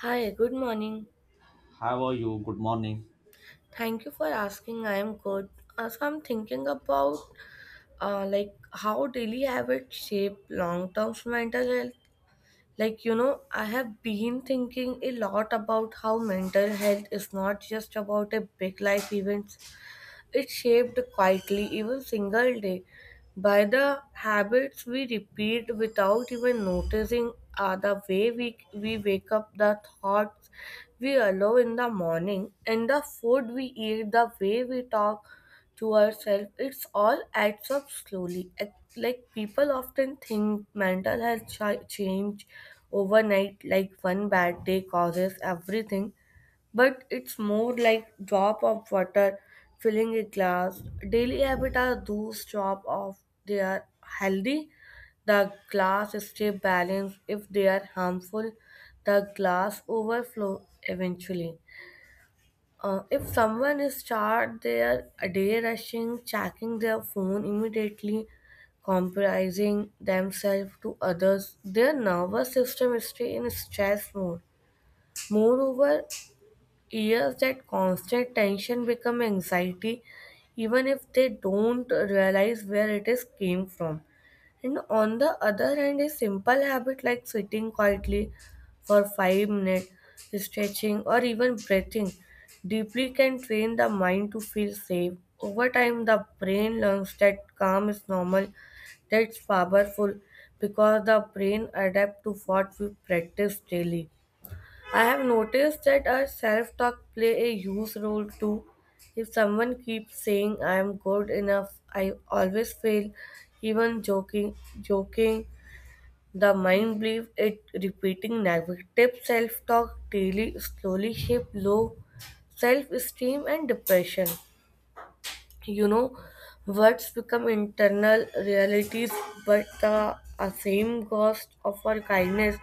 Hi, good morning. How are you? Good morning. Thank you for asking. I am good. So I'm thinking about like how daily habits shape long-term mental health. Like, I have been thinking a lot about how mental health is not just about a big life event. It's shaped quietly, even single day, by the habits we repeat without even noticing, are the way we wake up, the thoughts we allow in the morning, and the food we eat, the way we talk to ourselves. It's all adds up slowly. Like people often think mental health change overnight, like one bad day causes everything but it's more like drop of water filling a glass. Daily habit are those drop of they are healthy. The glass stay balanced. If they are harmful, the glass overflow eventually. If someone is charged, they day rushing, checking their phone immediately, compromising themselves to others. Their nervous system is stay in stress mode. Moreover, years that constant tension become anxiety, even if they don't realize where it is came from. And on the other hand, a simple habit like sitting quietly for 5 minutes, stretching, or even breathing deeply can train the mind to feel safe. Over time, the brain learns that calm is normal, that's powerful because the brain adapts to what we practice daily. I have noticed that our self talk play a huge role too. If someone keeps saying I am good enough, I always fail, even joking. The mind believes it repeating negative self talk daily slowly shape low self esteem and depression you know Words become internal realities but the same ghost of our kindness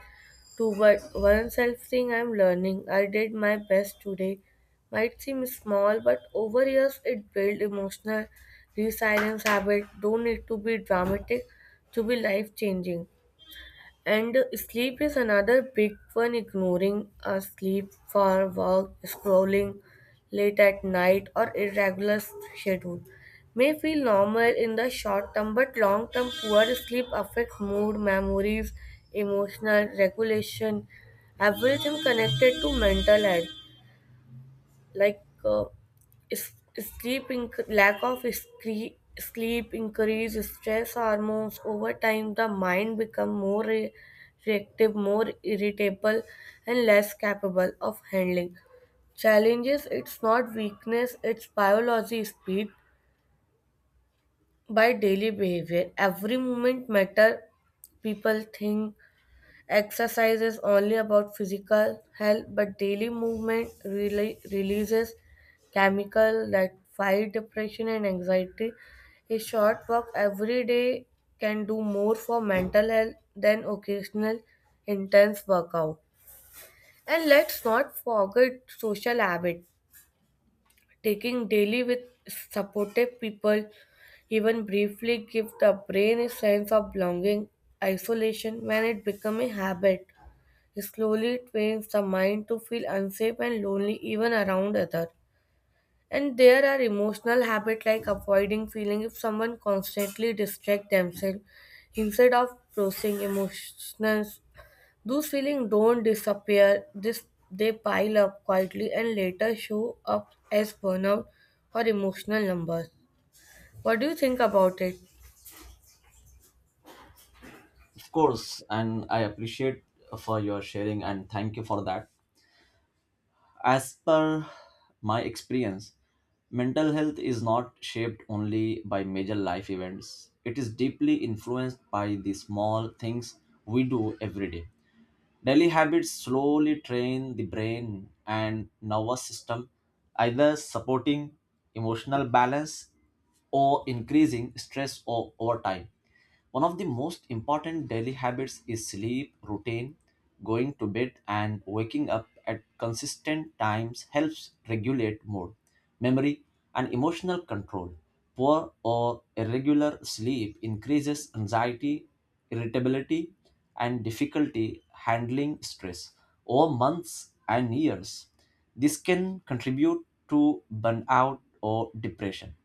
toward oneself saying I'm learning I did my best today might seem small but over years it builds emotional resilience habit don't need to be dramatic to be life changing. And sleep is another big one, ignoring a sleep for work, scrolling late at night, or irregular schedule. May feel normal in the short term, but long term poor sleep affects mood, memories, emotional regulation, everything connected to mental health like uh, is- sleep lack of sleep increases stress hormones over time. The mind become more reactive, more irritable and less capable of handling challenges. It's not weakness, it's biology speed by daily behavior. Every moment matter. People think exercise is only about physical health, but daily movement really releases chemical that fight depression and anxiety. A short walk every day can do more for mental health than occasional intense workout. And let's not forget social habit. Taking daily with supportive people, even briefly, give the brain a sense of belonging. Isolation, when it becomes a habit, slowly it trains the mind to feel unsafe and lonely even around others. And there are emotional habits like avoiding feeling if someone constantly distract themselves instead of processing emotions. Those feelings don't disappear, this they pile up quietly and later show up as burnout or emotional numbers. What do you think about it? Of course, and I appreciate for your sharing and thank you for that. As per my experience, mental health is not shaped only by major life events. It is deeply influenced by the small things we do every day. Daily habits slowly train the brain and nervous system, either supporting emotional balance or increasing stress over time. One of the most important daily habits is sleep routine. Going to bed and waking up at consistent times helps regulate mood, memory, and emotional control. Poor or irregular sleep increases anxiety, irritability, and difficulty handling stress over months and years. This can contribute to burnout or depression.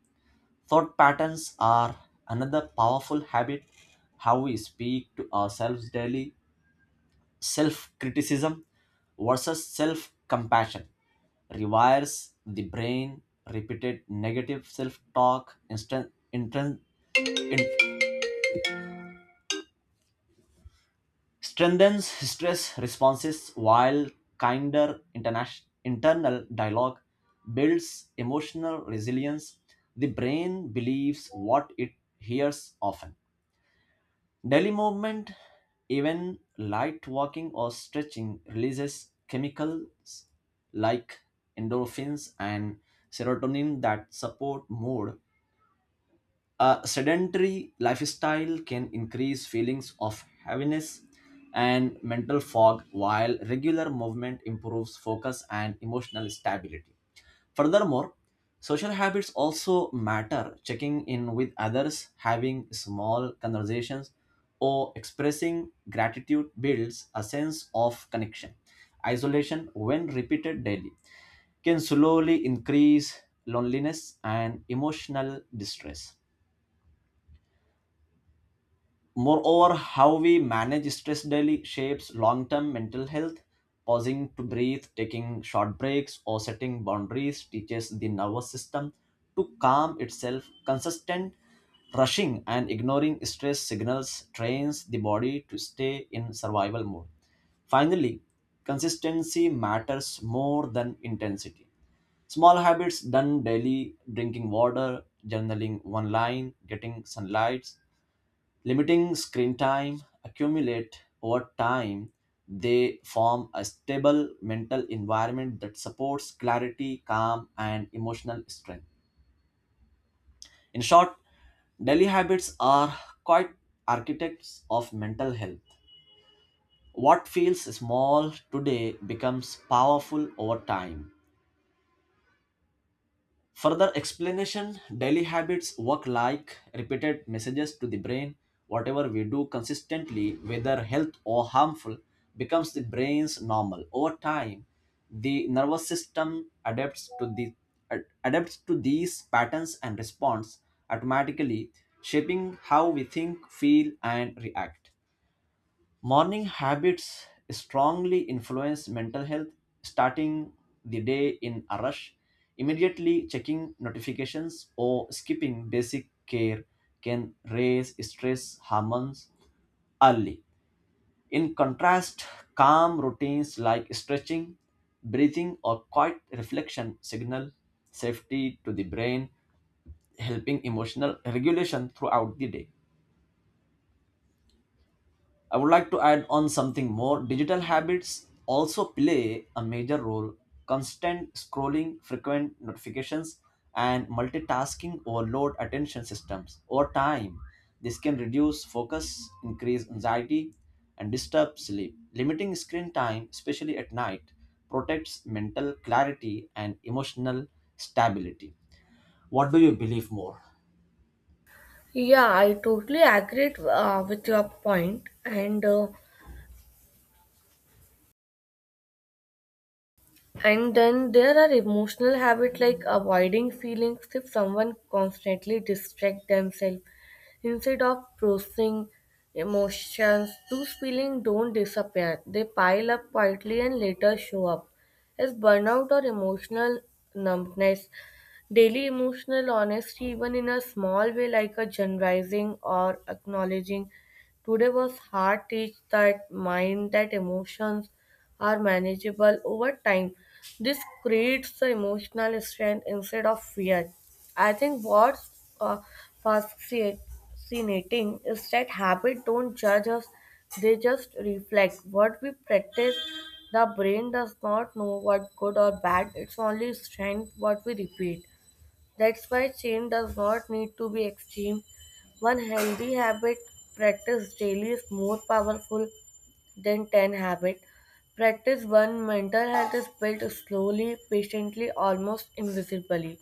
Thought patterns are another powerful habit, how we speak to ourselves daily. Self criticism versus self compassion rewires the brain, repeated negative self talk strengthens stress responses, while kinder internal dialogue builds emotional resilience. The brain believes what it hears often. Daily movement, even light walking or stretching, releases chemicals like endorphins and serotonin that support mood. A sedentary lifestyle can increase feelings of heaviness and mental fog, while regular movement improves focus and emotional stability. Furthermore, social habits also matter. Checking in with others, having small conversations, or expressing gratitude builds a sense of connection. Isolation, when repeated daily, can slowly increase loneliness and emotional distress. Moreover, how we manage stress daily shapes long term mental health. Pausing to breathe, taking short breaks, or setting boundaries teaches the nervous system to calm itself. Consistent rushing and ignoring stress signals trains the body to stay in survival mode. Finally, consistency matters more than intensity. Small habits done daily, drinking water, journaling one line, getting sunlight, limiting screen time accumulate over time. They form a stable mental environment that supports clarity, calm, and emotional strength. In short, daily habits are quite architects of mental health. What feels small today becomes powerful over time. Further explanation daily habits work like repeated messages to the brain. Whatever we do consistently, whether health or harmful, becomes the brain's normal. Over time, the nervous system adapts adapts to these patterns and responds automatically, shaping how we think, feel, and react. Morning habits strongly influence mental health. Starting the day in a rush, immediately checking notifications, or skipping basic care can raise stress hormones early. In contrast, calm routines like stretching, breathing, or quiet reflection signal safety to the brain, helping emotional regulation throughout the day. I would like to add on something more. Digital habits also play a major role. Constant scrolling, frequent notifications, and multitasking overload attention systems. Over time, this can reduce focus, increase anxiety, and disturb sleep. Limiting screen time, especially at night, protects mental clarity and emotional stability. What do you believe more? Yeah, I totally agree with your point, and and then there are emotional habits like avoiding feelings if someone constantly distract themselves instead of processing emotions. Those feelings don't disappear, they pile up quietly and later show up as burnout or emotional numbness. Daily emotional honesty, even in a small way like a generalizing or acknowledging today was hard, teach that mind, that emotions are manageable over time. This creates the emotional strength instead of fear. I think what's uh, fascinating is that habits don't judge us, they just reflect what we practice. The brain does not know what good or bad, it's only strength what we repeat. That's why change does not need to be extreme. One healthy habit practiced daily is more powerful then 10 habit. Practice one mental health is built slowly, patiently, almost invisibly.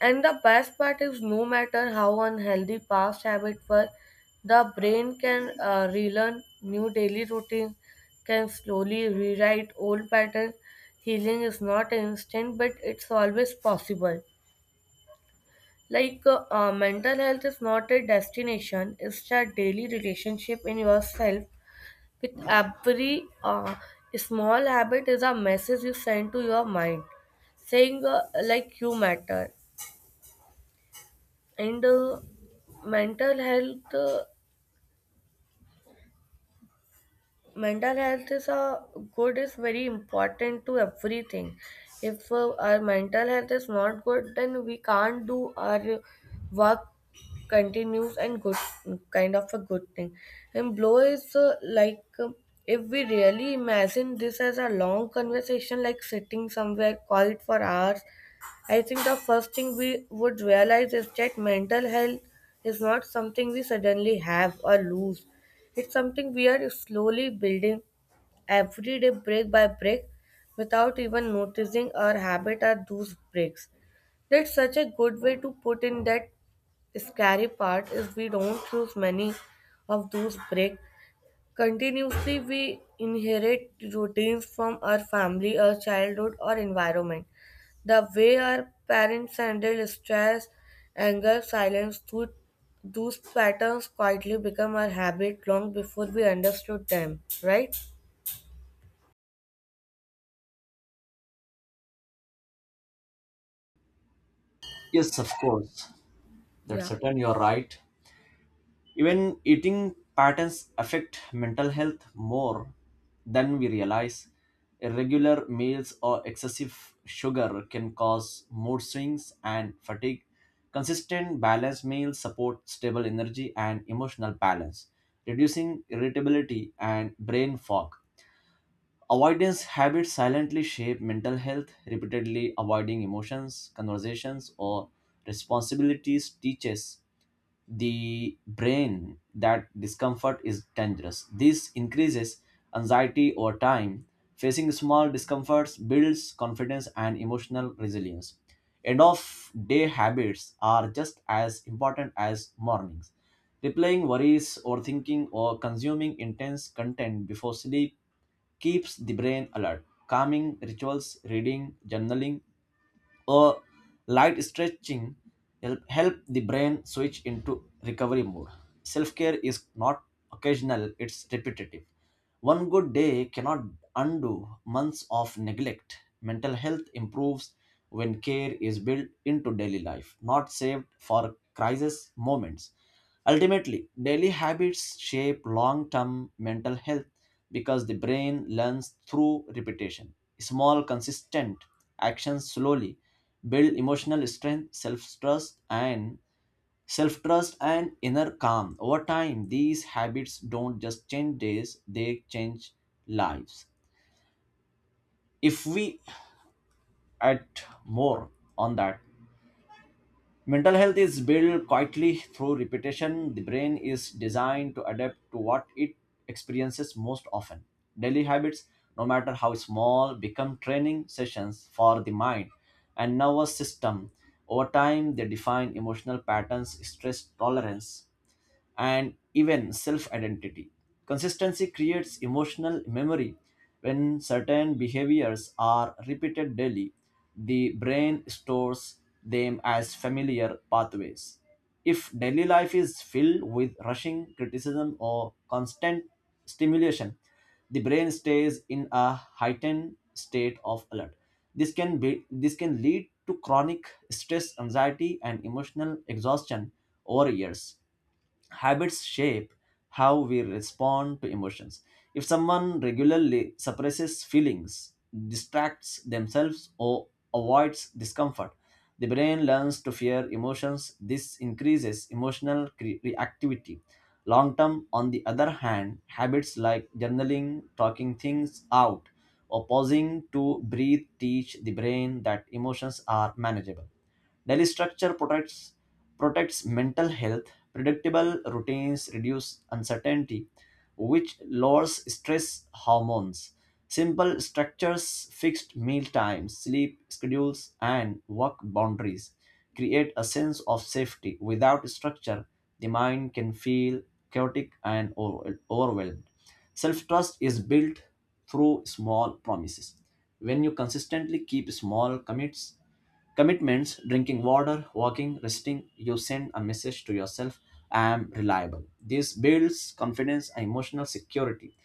And the best part is no matter how unhealthy past habits were, the brain can relearn new daily routines, can slowly rewrite old patterns. Healing is not instant, but it's always possible. Like mental health is not a destination, it's a daily relationship in yourself with every small habit is a message you send to your mind, saying like you matter. And mental health uh, mental health is a good is very important to everything if our mental health is not good then we can't do our work continues and good kind of a good thing and blow is like if we really imagine this as a long conversation like sitting somewhere quiet for hours. I think the first thing we would realize is that mental health is not something we suddenly have or lose. It's something we are slowly building every day, break by break, without even noticing our habit or those breaks. That's such a good way to put in that scary part is we don't choose many of those break continuously, we inherit routines from our family, our childhood, or environment. The way our parents handle stress, anger, silence, those patterns quietly become our habit long before we understood them, right? Yes, of course. That's Yeah. certain. You're right. Even eating patterns affect mental health more than we realize. Irregular meals or excessive sugar can cause mood swings and fatigue. Consistent, balanced meals support stable energy and emotional balance, reducing irritability and brain fog. Avoidance habits silently shape mental health. Repeatedly avoiding emotions, conversations, or responsibilities teaches the brain that discomfort is dangerous. This increases anxiety over time. Facing small discomforts builds confidence and emotional resilience. End of day habits are just as important as mornings. Replaying worries, overthinking, or consuming intense content before sleep keeps the brain alert. Calming rituals, reading, journaling, or light stretching help the brain switch into recovery mode. Self care is not occasional, it's repetitive. One good day cannot undo months of neglect. Mental health improves when care is built into daily life, not saved for crisis moments. Ultimately, daily habits shape long term mental health because the brain learns through repetition. Small, consistent actions slowly build emotional strength, self trust and inner calm. Over time, these habits don't just change days, they change lives. If we add more on that, mental health is built quietly through repetition. The brain is designed to adapt to what it experiences most often. Daily habits, no matter how small, become training sessions for the mind and nervous system. Over time, they define emotional patterns, stress tolerance, and even self identity. Consistency creates emotional memory. When certain behaviors are repeated daily, the brain stores them as familiar pathways. If daily life is filled with rushing criticism or constant stimulation, the brain stays in a heightened state of alert. This can lead to chronic stress, anxiety, and emotional exhaustion over years. Habits shape how we respond to emotions. If someone regularly suppresses feelings, distracts themselves, or avoids discomfort, the brain learns to fear emotions. This increases emotional reactivity. Long term, on the other hand, habits like journaling, talking things out, or pausing to breathe teach the brain that emotions are manageable. Daily structure protects mental health. Predictable routines reduce uncertainty, which lowers stress hormones. Simple structures, fixed meal times, sleep schedules, and work boundaries create a sense of safety. Without structure, the mind can feel chaotic and overwhelmed. Self trust is built through small promises. When you consistently keep commitments, drinking water, walking, resting, you send a message to yourself I am reliable. This builds confidence and emotional security.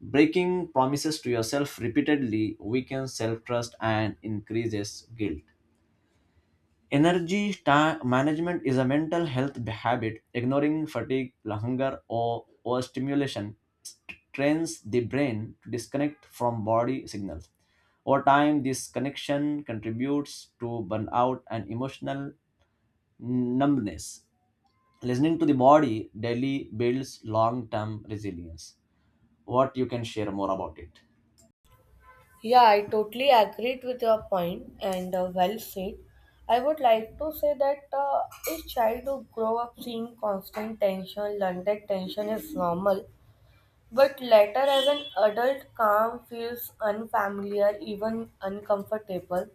Breaking promises to yourself repeatedly weakens self trust and increases guilt. Energy management is a mental health habit. Ignoring fatigue, hunger, or overstimulation trains the brain to disconnect from body signals. Over time, this connection contributes to burnout and emotional numbness. Listening to the body daily builds long term resilience. What you can share more about it? Yeah, I totally agreed with your point and well said. I would like to say that a child who grow up seeing constant tension, learn that tension is normal. But later, as an adult, calm feels unfamiliar, even uncomfortable.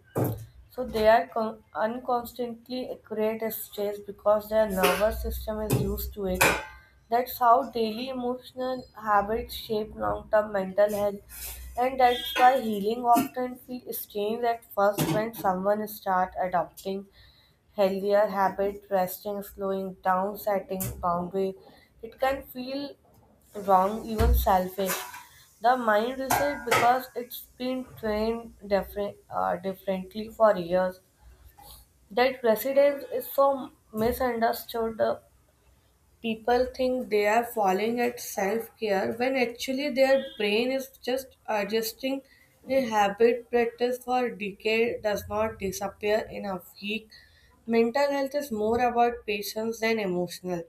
So they are unconstantly accurate as stress because their nervous system is used to it. That's how daily emotional habits shape long-term mental health, and that's why healing often feels strange at first when someone starts adopting healthier habit, resting, slowing down, setting boundary. It can feel wrong, even selfish. The mind reset because it's been trained differently for years. That resilience is so misunderstood. People think they are falling at self care when actually their brain is just adjusting a habit practice for decade does not disappear in a week. Mental health is more about patience than emotional.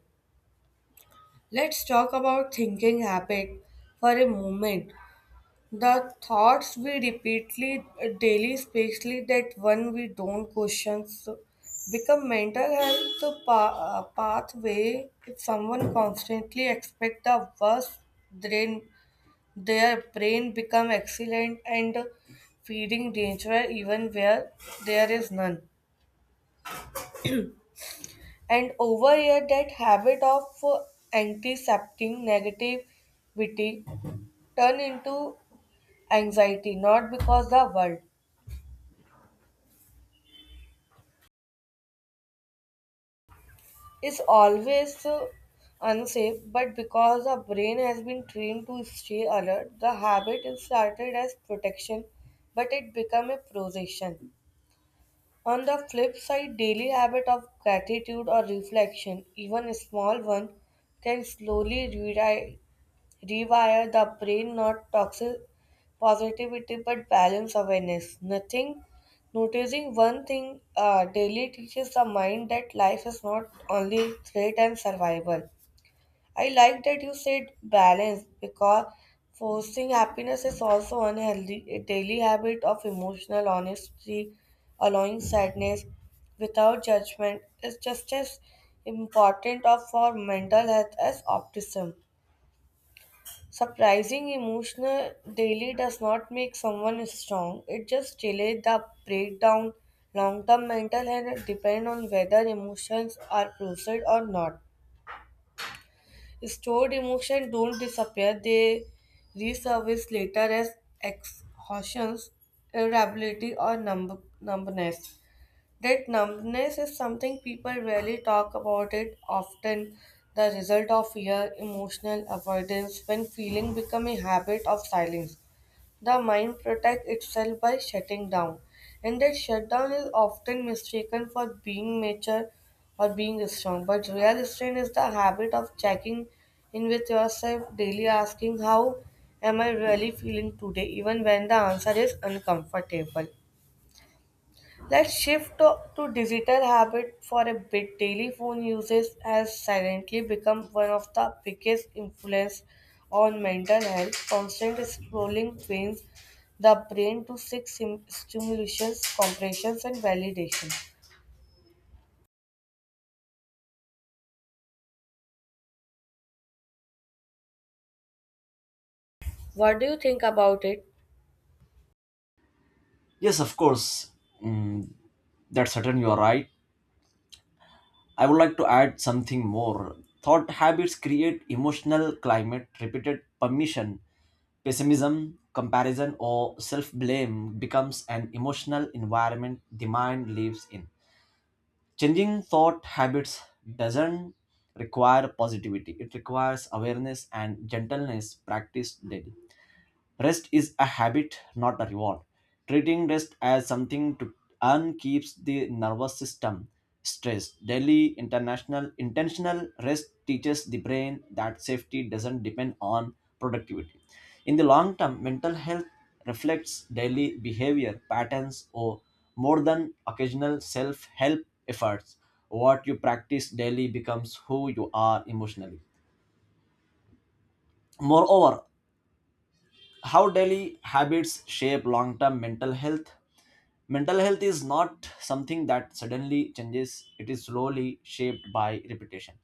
Let's talk about thinking habit for a moment. The thoughts we repeatedly daily, especially that one we don't question, so become mental health pathway. If someone constantly expect the worst, then their brain become excellent and feeding danger even where there is none. And over here, that habit of antiseptic negativity turn into anxiety, not because the world is always unsafe, but because our brain has been trained to stay alert, the habit is started as protection, but it become a possession. On the flip side, daily habit of gratitude or reflection, even a small one, can slowly rewrite rewire the brain, not toxic positivity but balance awareness. Nothing, noticing one thing daily teaches the mind that life is not only threat and survival. I like that you said balance because forcing happiness is also unhealthy. A daily habit of emotional honesty, allowing sadness without judgment, is just as important of for mental health as optimism. Surprising emotional daily does not make someone strong. It just delays the breakdown. Long-term mental health depend on whether emotions are processed or not. Stored emotions don't disappear; they resurface later as exhaustion, irritability, or numbness. That numbness is something people rarely talk about it often the result of fear, emotional avoidance when feeling become a habit of silence. The mind protects itself by shutting down and that shutdown is often mistaken for being mature or being strong. But real strength is the habit of checking in with yourself daily asking how am I really feeling today even when the answer is uncomfortable. Let's shift to digital habit for a bit. Daily phone usage has silently become one of the biggest influence on mental health. Constant scrolling trains the brain to seek stimulations, compressions, and validation. What do you think about it? Yes, of course. Mm, that's certain you are right. I would like to add something more. Thought habits create emotional climate, repeated permission, pessimism, comparison, or self blame becomes an emotional environment the mind lives in. Changing thought habits doesn't require positivity, it requires awareness and gentleness practiced daily. Rest is a habit, not a reward. Treating rest as something to earn keeps the nervous system stressed. Daily international intentional rest teaches the brain that safety doesn't depend on productivity. In the long term, mental health reflects daily behavior patterns or more than occasional self-help efforts. What you practice daily becomes who you are emotionally. Moreover, how daily habits shape long term mental health. Mental health is not something that suddenly changes, it is slowly shaped by repetition.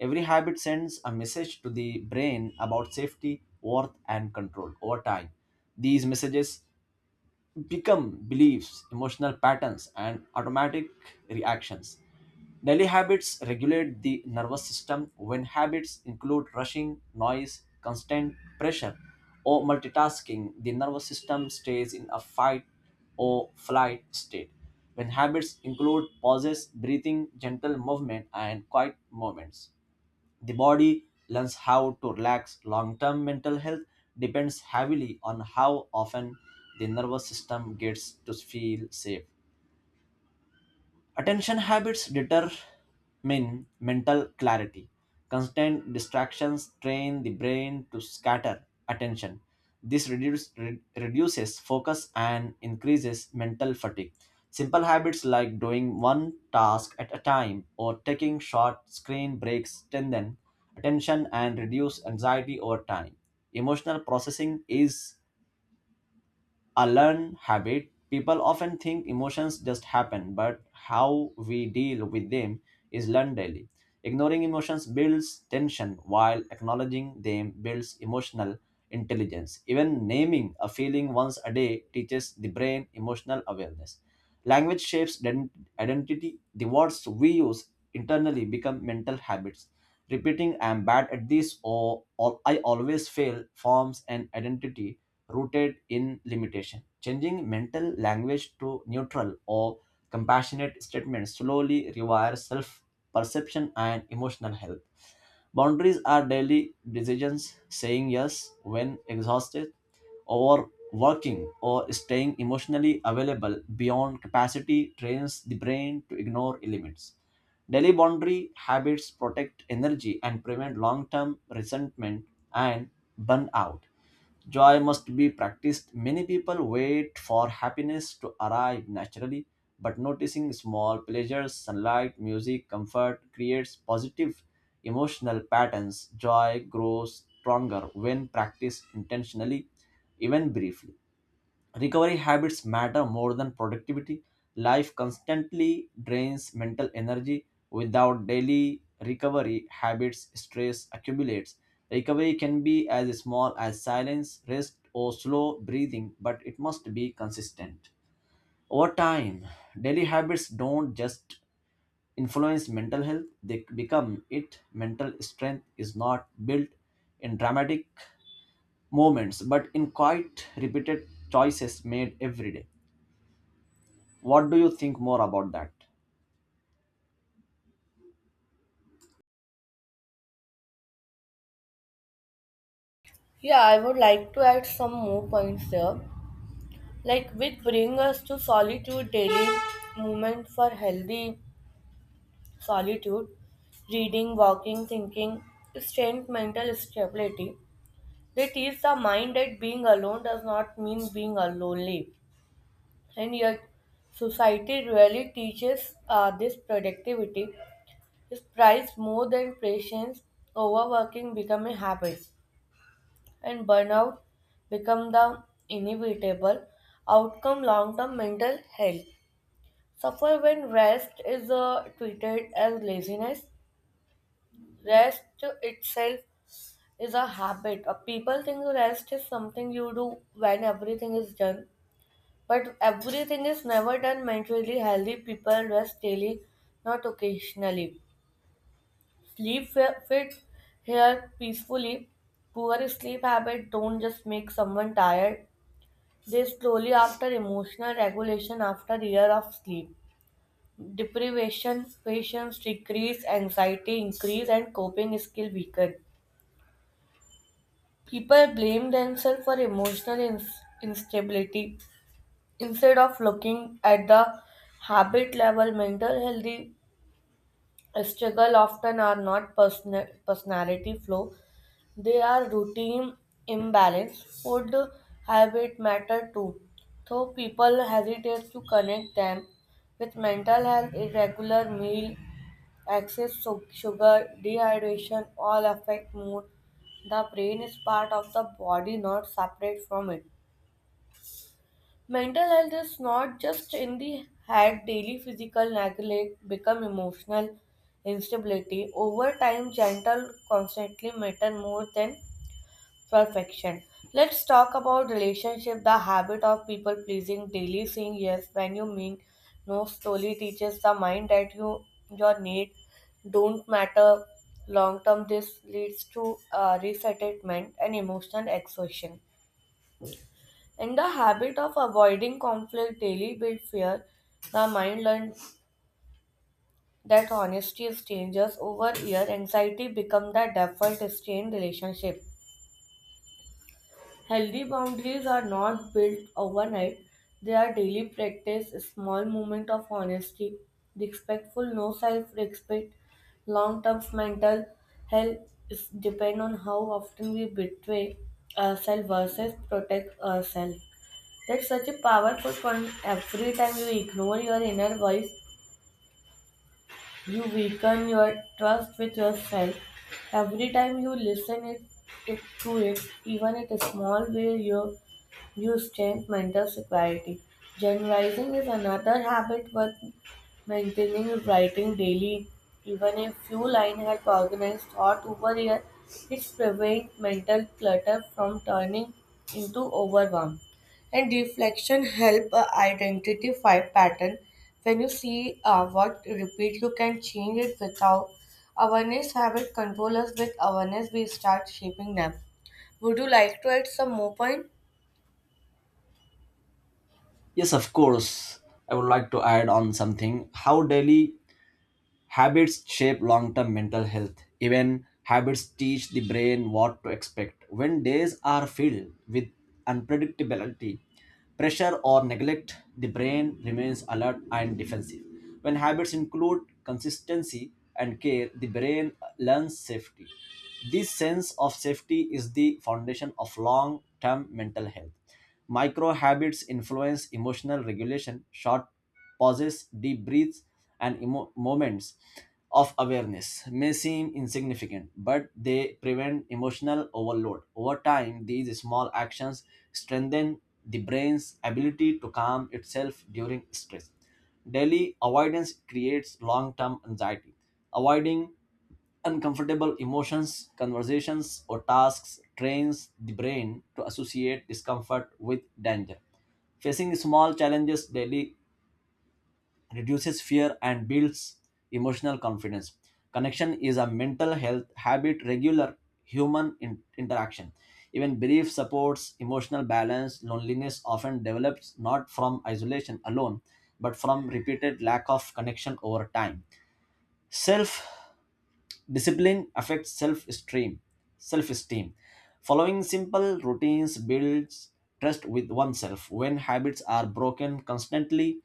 Every habit sends a message to the brain about safety, worth, and control over time. These messages become beliefs, emotional patterns, and automatic reactions. Daily habits regulate the nervous system when habits include rushing, noise, constant pressure, or multitasking. The nervous system stays in a fight or flight state. When habits include pauses, breathing, gentle movement, and quiet moments the body learns how to relax. Long term mental health depends heavily on how often the nervous system gets to feel safe. Attention habits determine mental clarity. Constant distractions train the brain to scatter attention. This reduces focus and increases mental fatigue. Simple habits like doing one task at a time or taking short screen breaks strengthen attention and reduce anxiety over time. Emotional processing is a learned habit. People often think emotions just happen, but how we deal with them is learned daily. Ignoring emotions builds tension, while acknowledging them builds emotional intelligence. Even naming a feeling once a day teaches the brain emotional awareness. Language shapes identity. The words we use internally become mental habits. Repeating "I am bad at this" or "I always fail" forms an identity rooted in limitation. Changing mental language to neutral or compassionate statements slowly rewires self perception and emotional health. Boundaries are daily decisions, saying yes when exhausted, or working or staying emotionally available beyond capacity trains the brain to ignore limits. Daily boundary habits protect energy and prevent long term resentment and burnout. Joy must be practiced. Many people wait for happiness to arrive naturally, but noticing small pleasures, sunlight, music, comfort creates positive emotional patterns. Joy grows stronger when practiced intentionally, even briefly. Recovery habits matter more than productivity. Life constantly drains mental energy. Without daily recovery habits, stress accumulates. Recovery can be as small as silence, rest, or slow breathing, but it must be consistent. Over time, daily habits don't just influence mental health, they become it. Mental strength is not built in dramatic moments, but in quiet, repeated choices made every day. What do you think more about that? Yeah, I would like to add some more points here, like which bring us to solitude daily movement for healthy solitude, reading, walking, thinking, strength, mental stability. They teach the mind that being alone does not mean being a lonely. And yet, society really teaches this productivity is prized more than patience. Overworking become a habit, and burnout become the inevitable outcome. Long-term mental health suffer when rest is treated as laziness. Rest itself is a habit. People think rest is something you do when everything is done, but everything is never done. Mentally healthy people rest daily, not occasionally. Sleep fit here peacefully. Poor sleep habit don't just make someone tired. They slowly after emotional regulation after year of sleep. Deprivation, patience decrease, anxiety increase, and coping skill weaken. People blame themselves for emotional instability instead of looking at the habit level. Mental healthy struggle often are not personality flow; they are routine imbalance. Food habit matter too, though people hesitate to connect them with mental health. Irregular meal excess sugar, dehydration all affect mood. The brain is part of the body, not separate from it. Mental health is not just in the head, daily physical neglect become emotional instability. Over time, gentle constantly matter more than perfection. Let's talk about relationship. The habit of people pleasing, daily saying yes when you mean no, slowly teaches the mind that your need don't matter long term. This leads to resettlement and emotional exhaustion. And the habit of avoiding conflict daily build fear. The mind learns that honesty is dangerous over year. Anxiety become the default stay in relationship. Healthy boundaries are not built overnight, they are daily practice, a small moment of honesty, respectful no self respect, long term mental health is depend on how often we betray ourselves versus protect ourselves. That's such a powerful point. Every time you ignore your inner voice, you weaken your trust with yourself. Every time you listen it, it to it, even at a small way, you strengthen mental security. Journalizing is another habit worth maintaining, writing daily. Even a few line help organize thought over year. It prevents mental clutter from turning into overwhelm. And reflection help identify pattern. When you see what repeat, you can change it without awareness habit control us with awareness. We start shaping them. Would you like to add some more point? Yes, of course. I would like to add on something. How daily habits shape long term mental health. Even habits teach the brain what to expect. When days are filled with unpredictability, pressure, or neglect, the brain remains alert and defensive. When habits include consistency and care, the brain learns safety. This sense of safety is the foundation of long term mental health. Micro habits influence emotional regulation, short pauses, deep breaths, and moments of awareness may seem insignificant, but they prevent emotional overload. Over time, these small actions strengthen the brain's ability to calm itself during stress. Daily avoidance creates long term anxiety. Avoiding uncomfortable emotions, conversations, or tasks trains the brain to associate discomfort with danger. Facing small challenges daily reduces fear and builds emotional confidence. Connection is a mental health habit, regular human interaction. Even brief supports, emotional balance, loneliness often develops not from isolation alone, but from repeated lack of connection over time. Self Discipline affects self-esteem. Self-esteem. Following simple routines builds trust with oneself. When habits are broken constantly,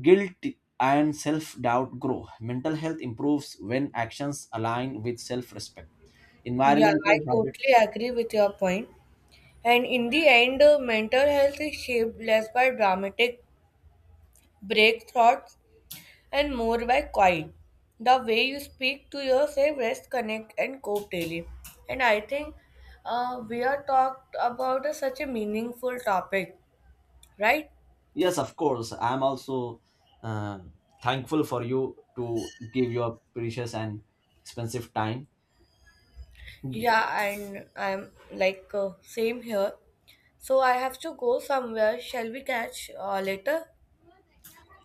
guilt and self-doubt grow. Mental health improves when actions align with self-respect. Yeah, I Environmental totally habits. agree with your point. And in the end, mental health is shaped less by dramatic breakthroughs and more by quiet. The way you speak to yourself, rest, connect, and cope daily. And I think we are talked about a, such a meaningful topic, right? Yes, of course. I'm also uh, thankful for you to give your precious and expensive time. Yeah, and I'm like same here. So I have to go somewhere. Shall we catch later?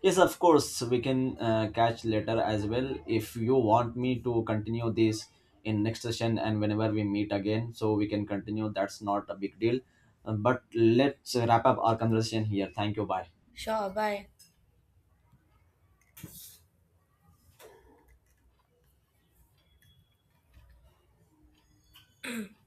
Yes, of course, we can catch later as well if you want me to continue this in next session and whenever we meet again, so we can continue. That's not a big deal. But let's wrap up our conversation here. Thank you. Bye. Sure, bye.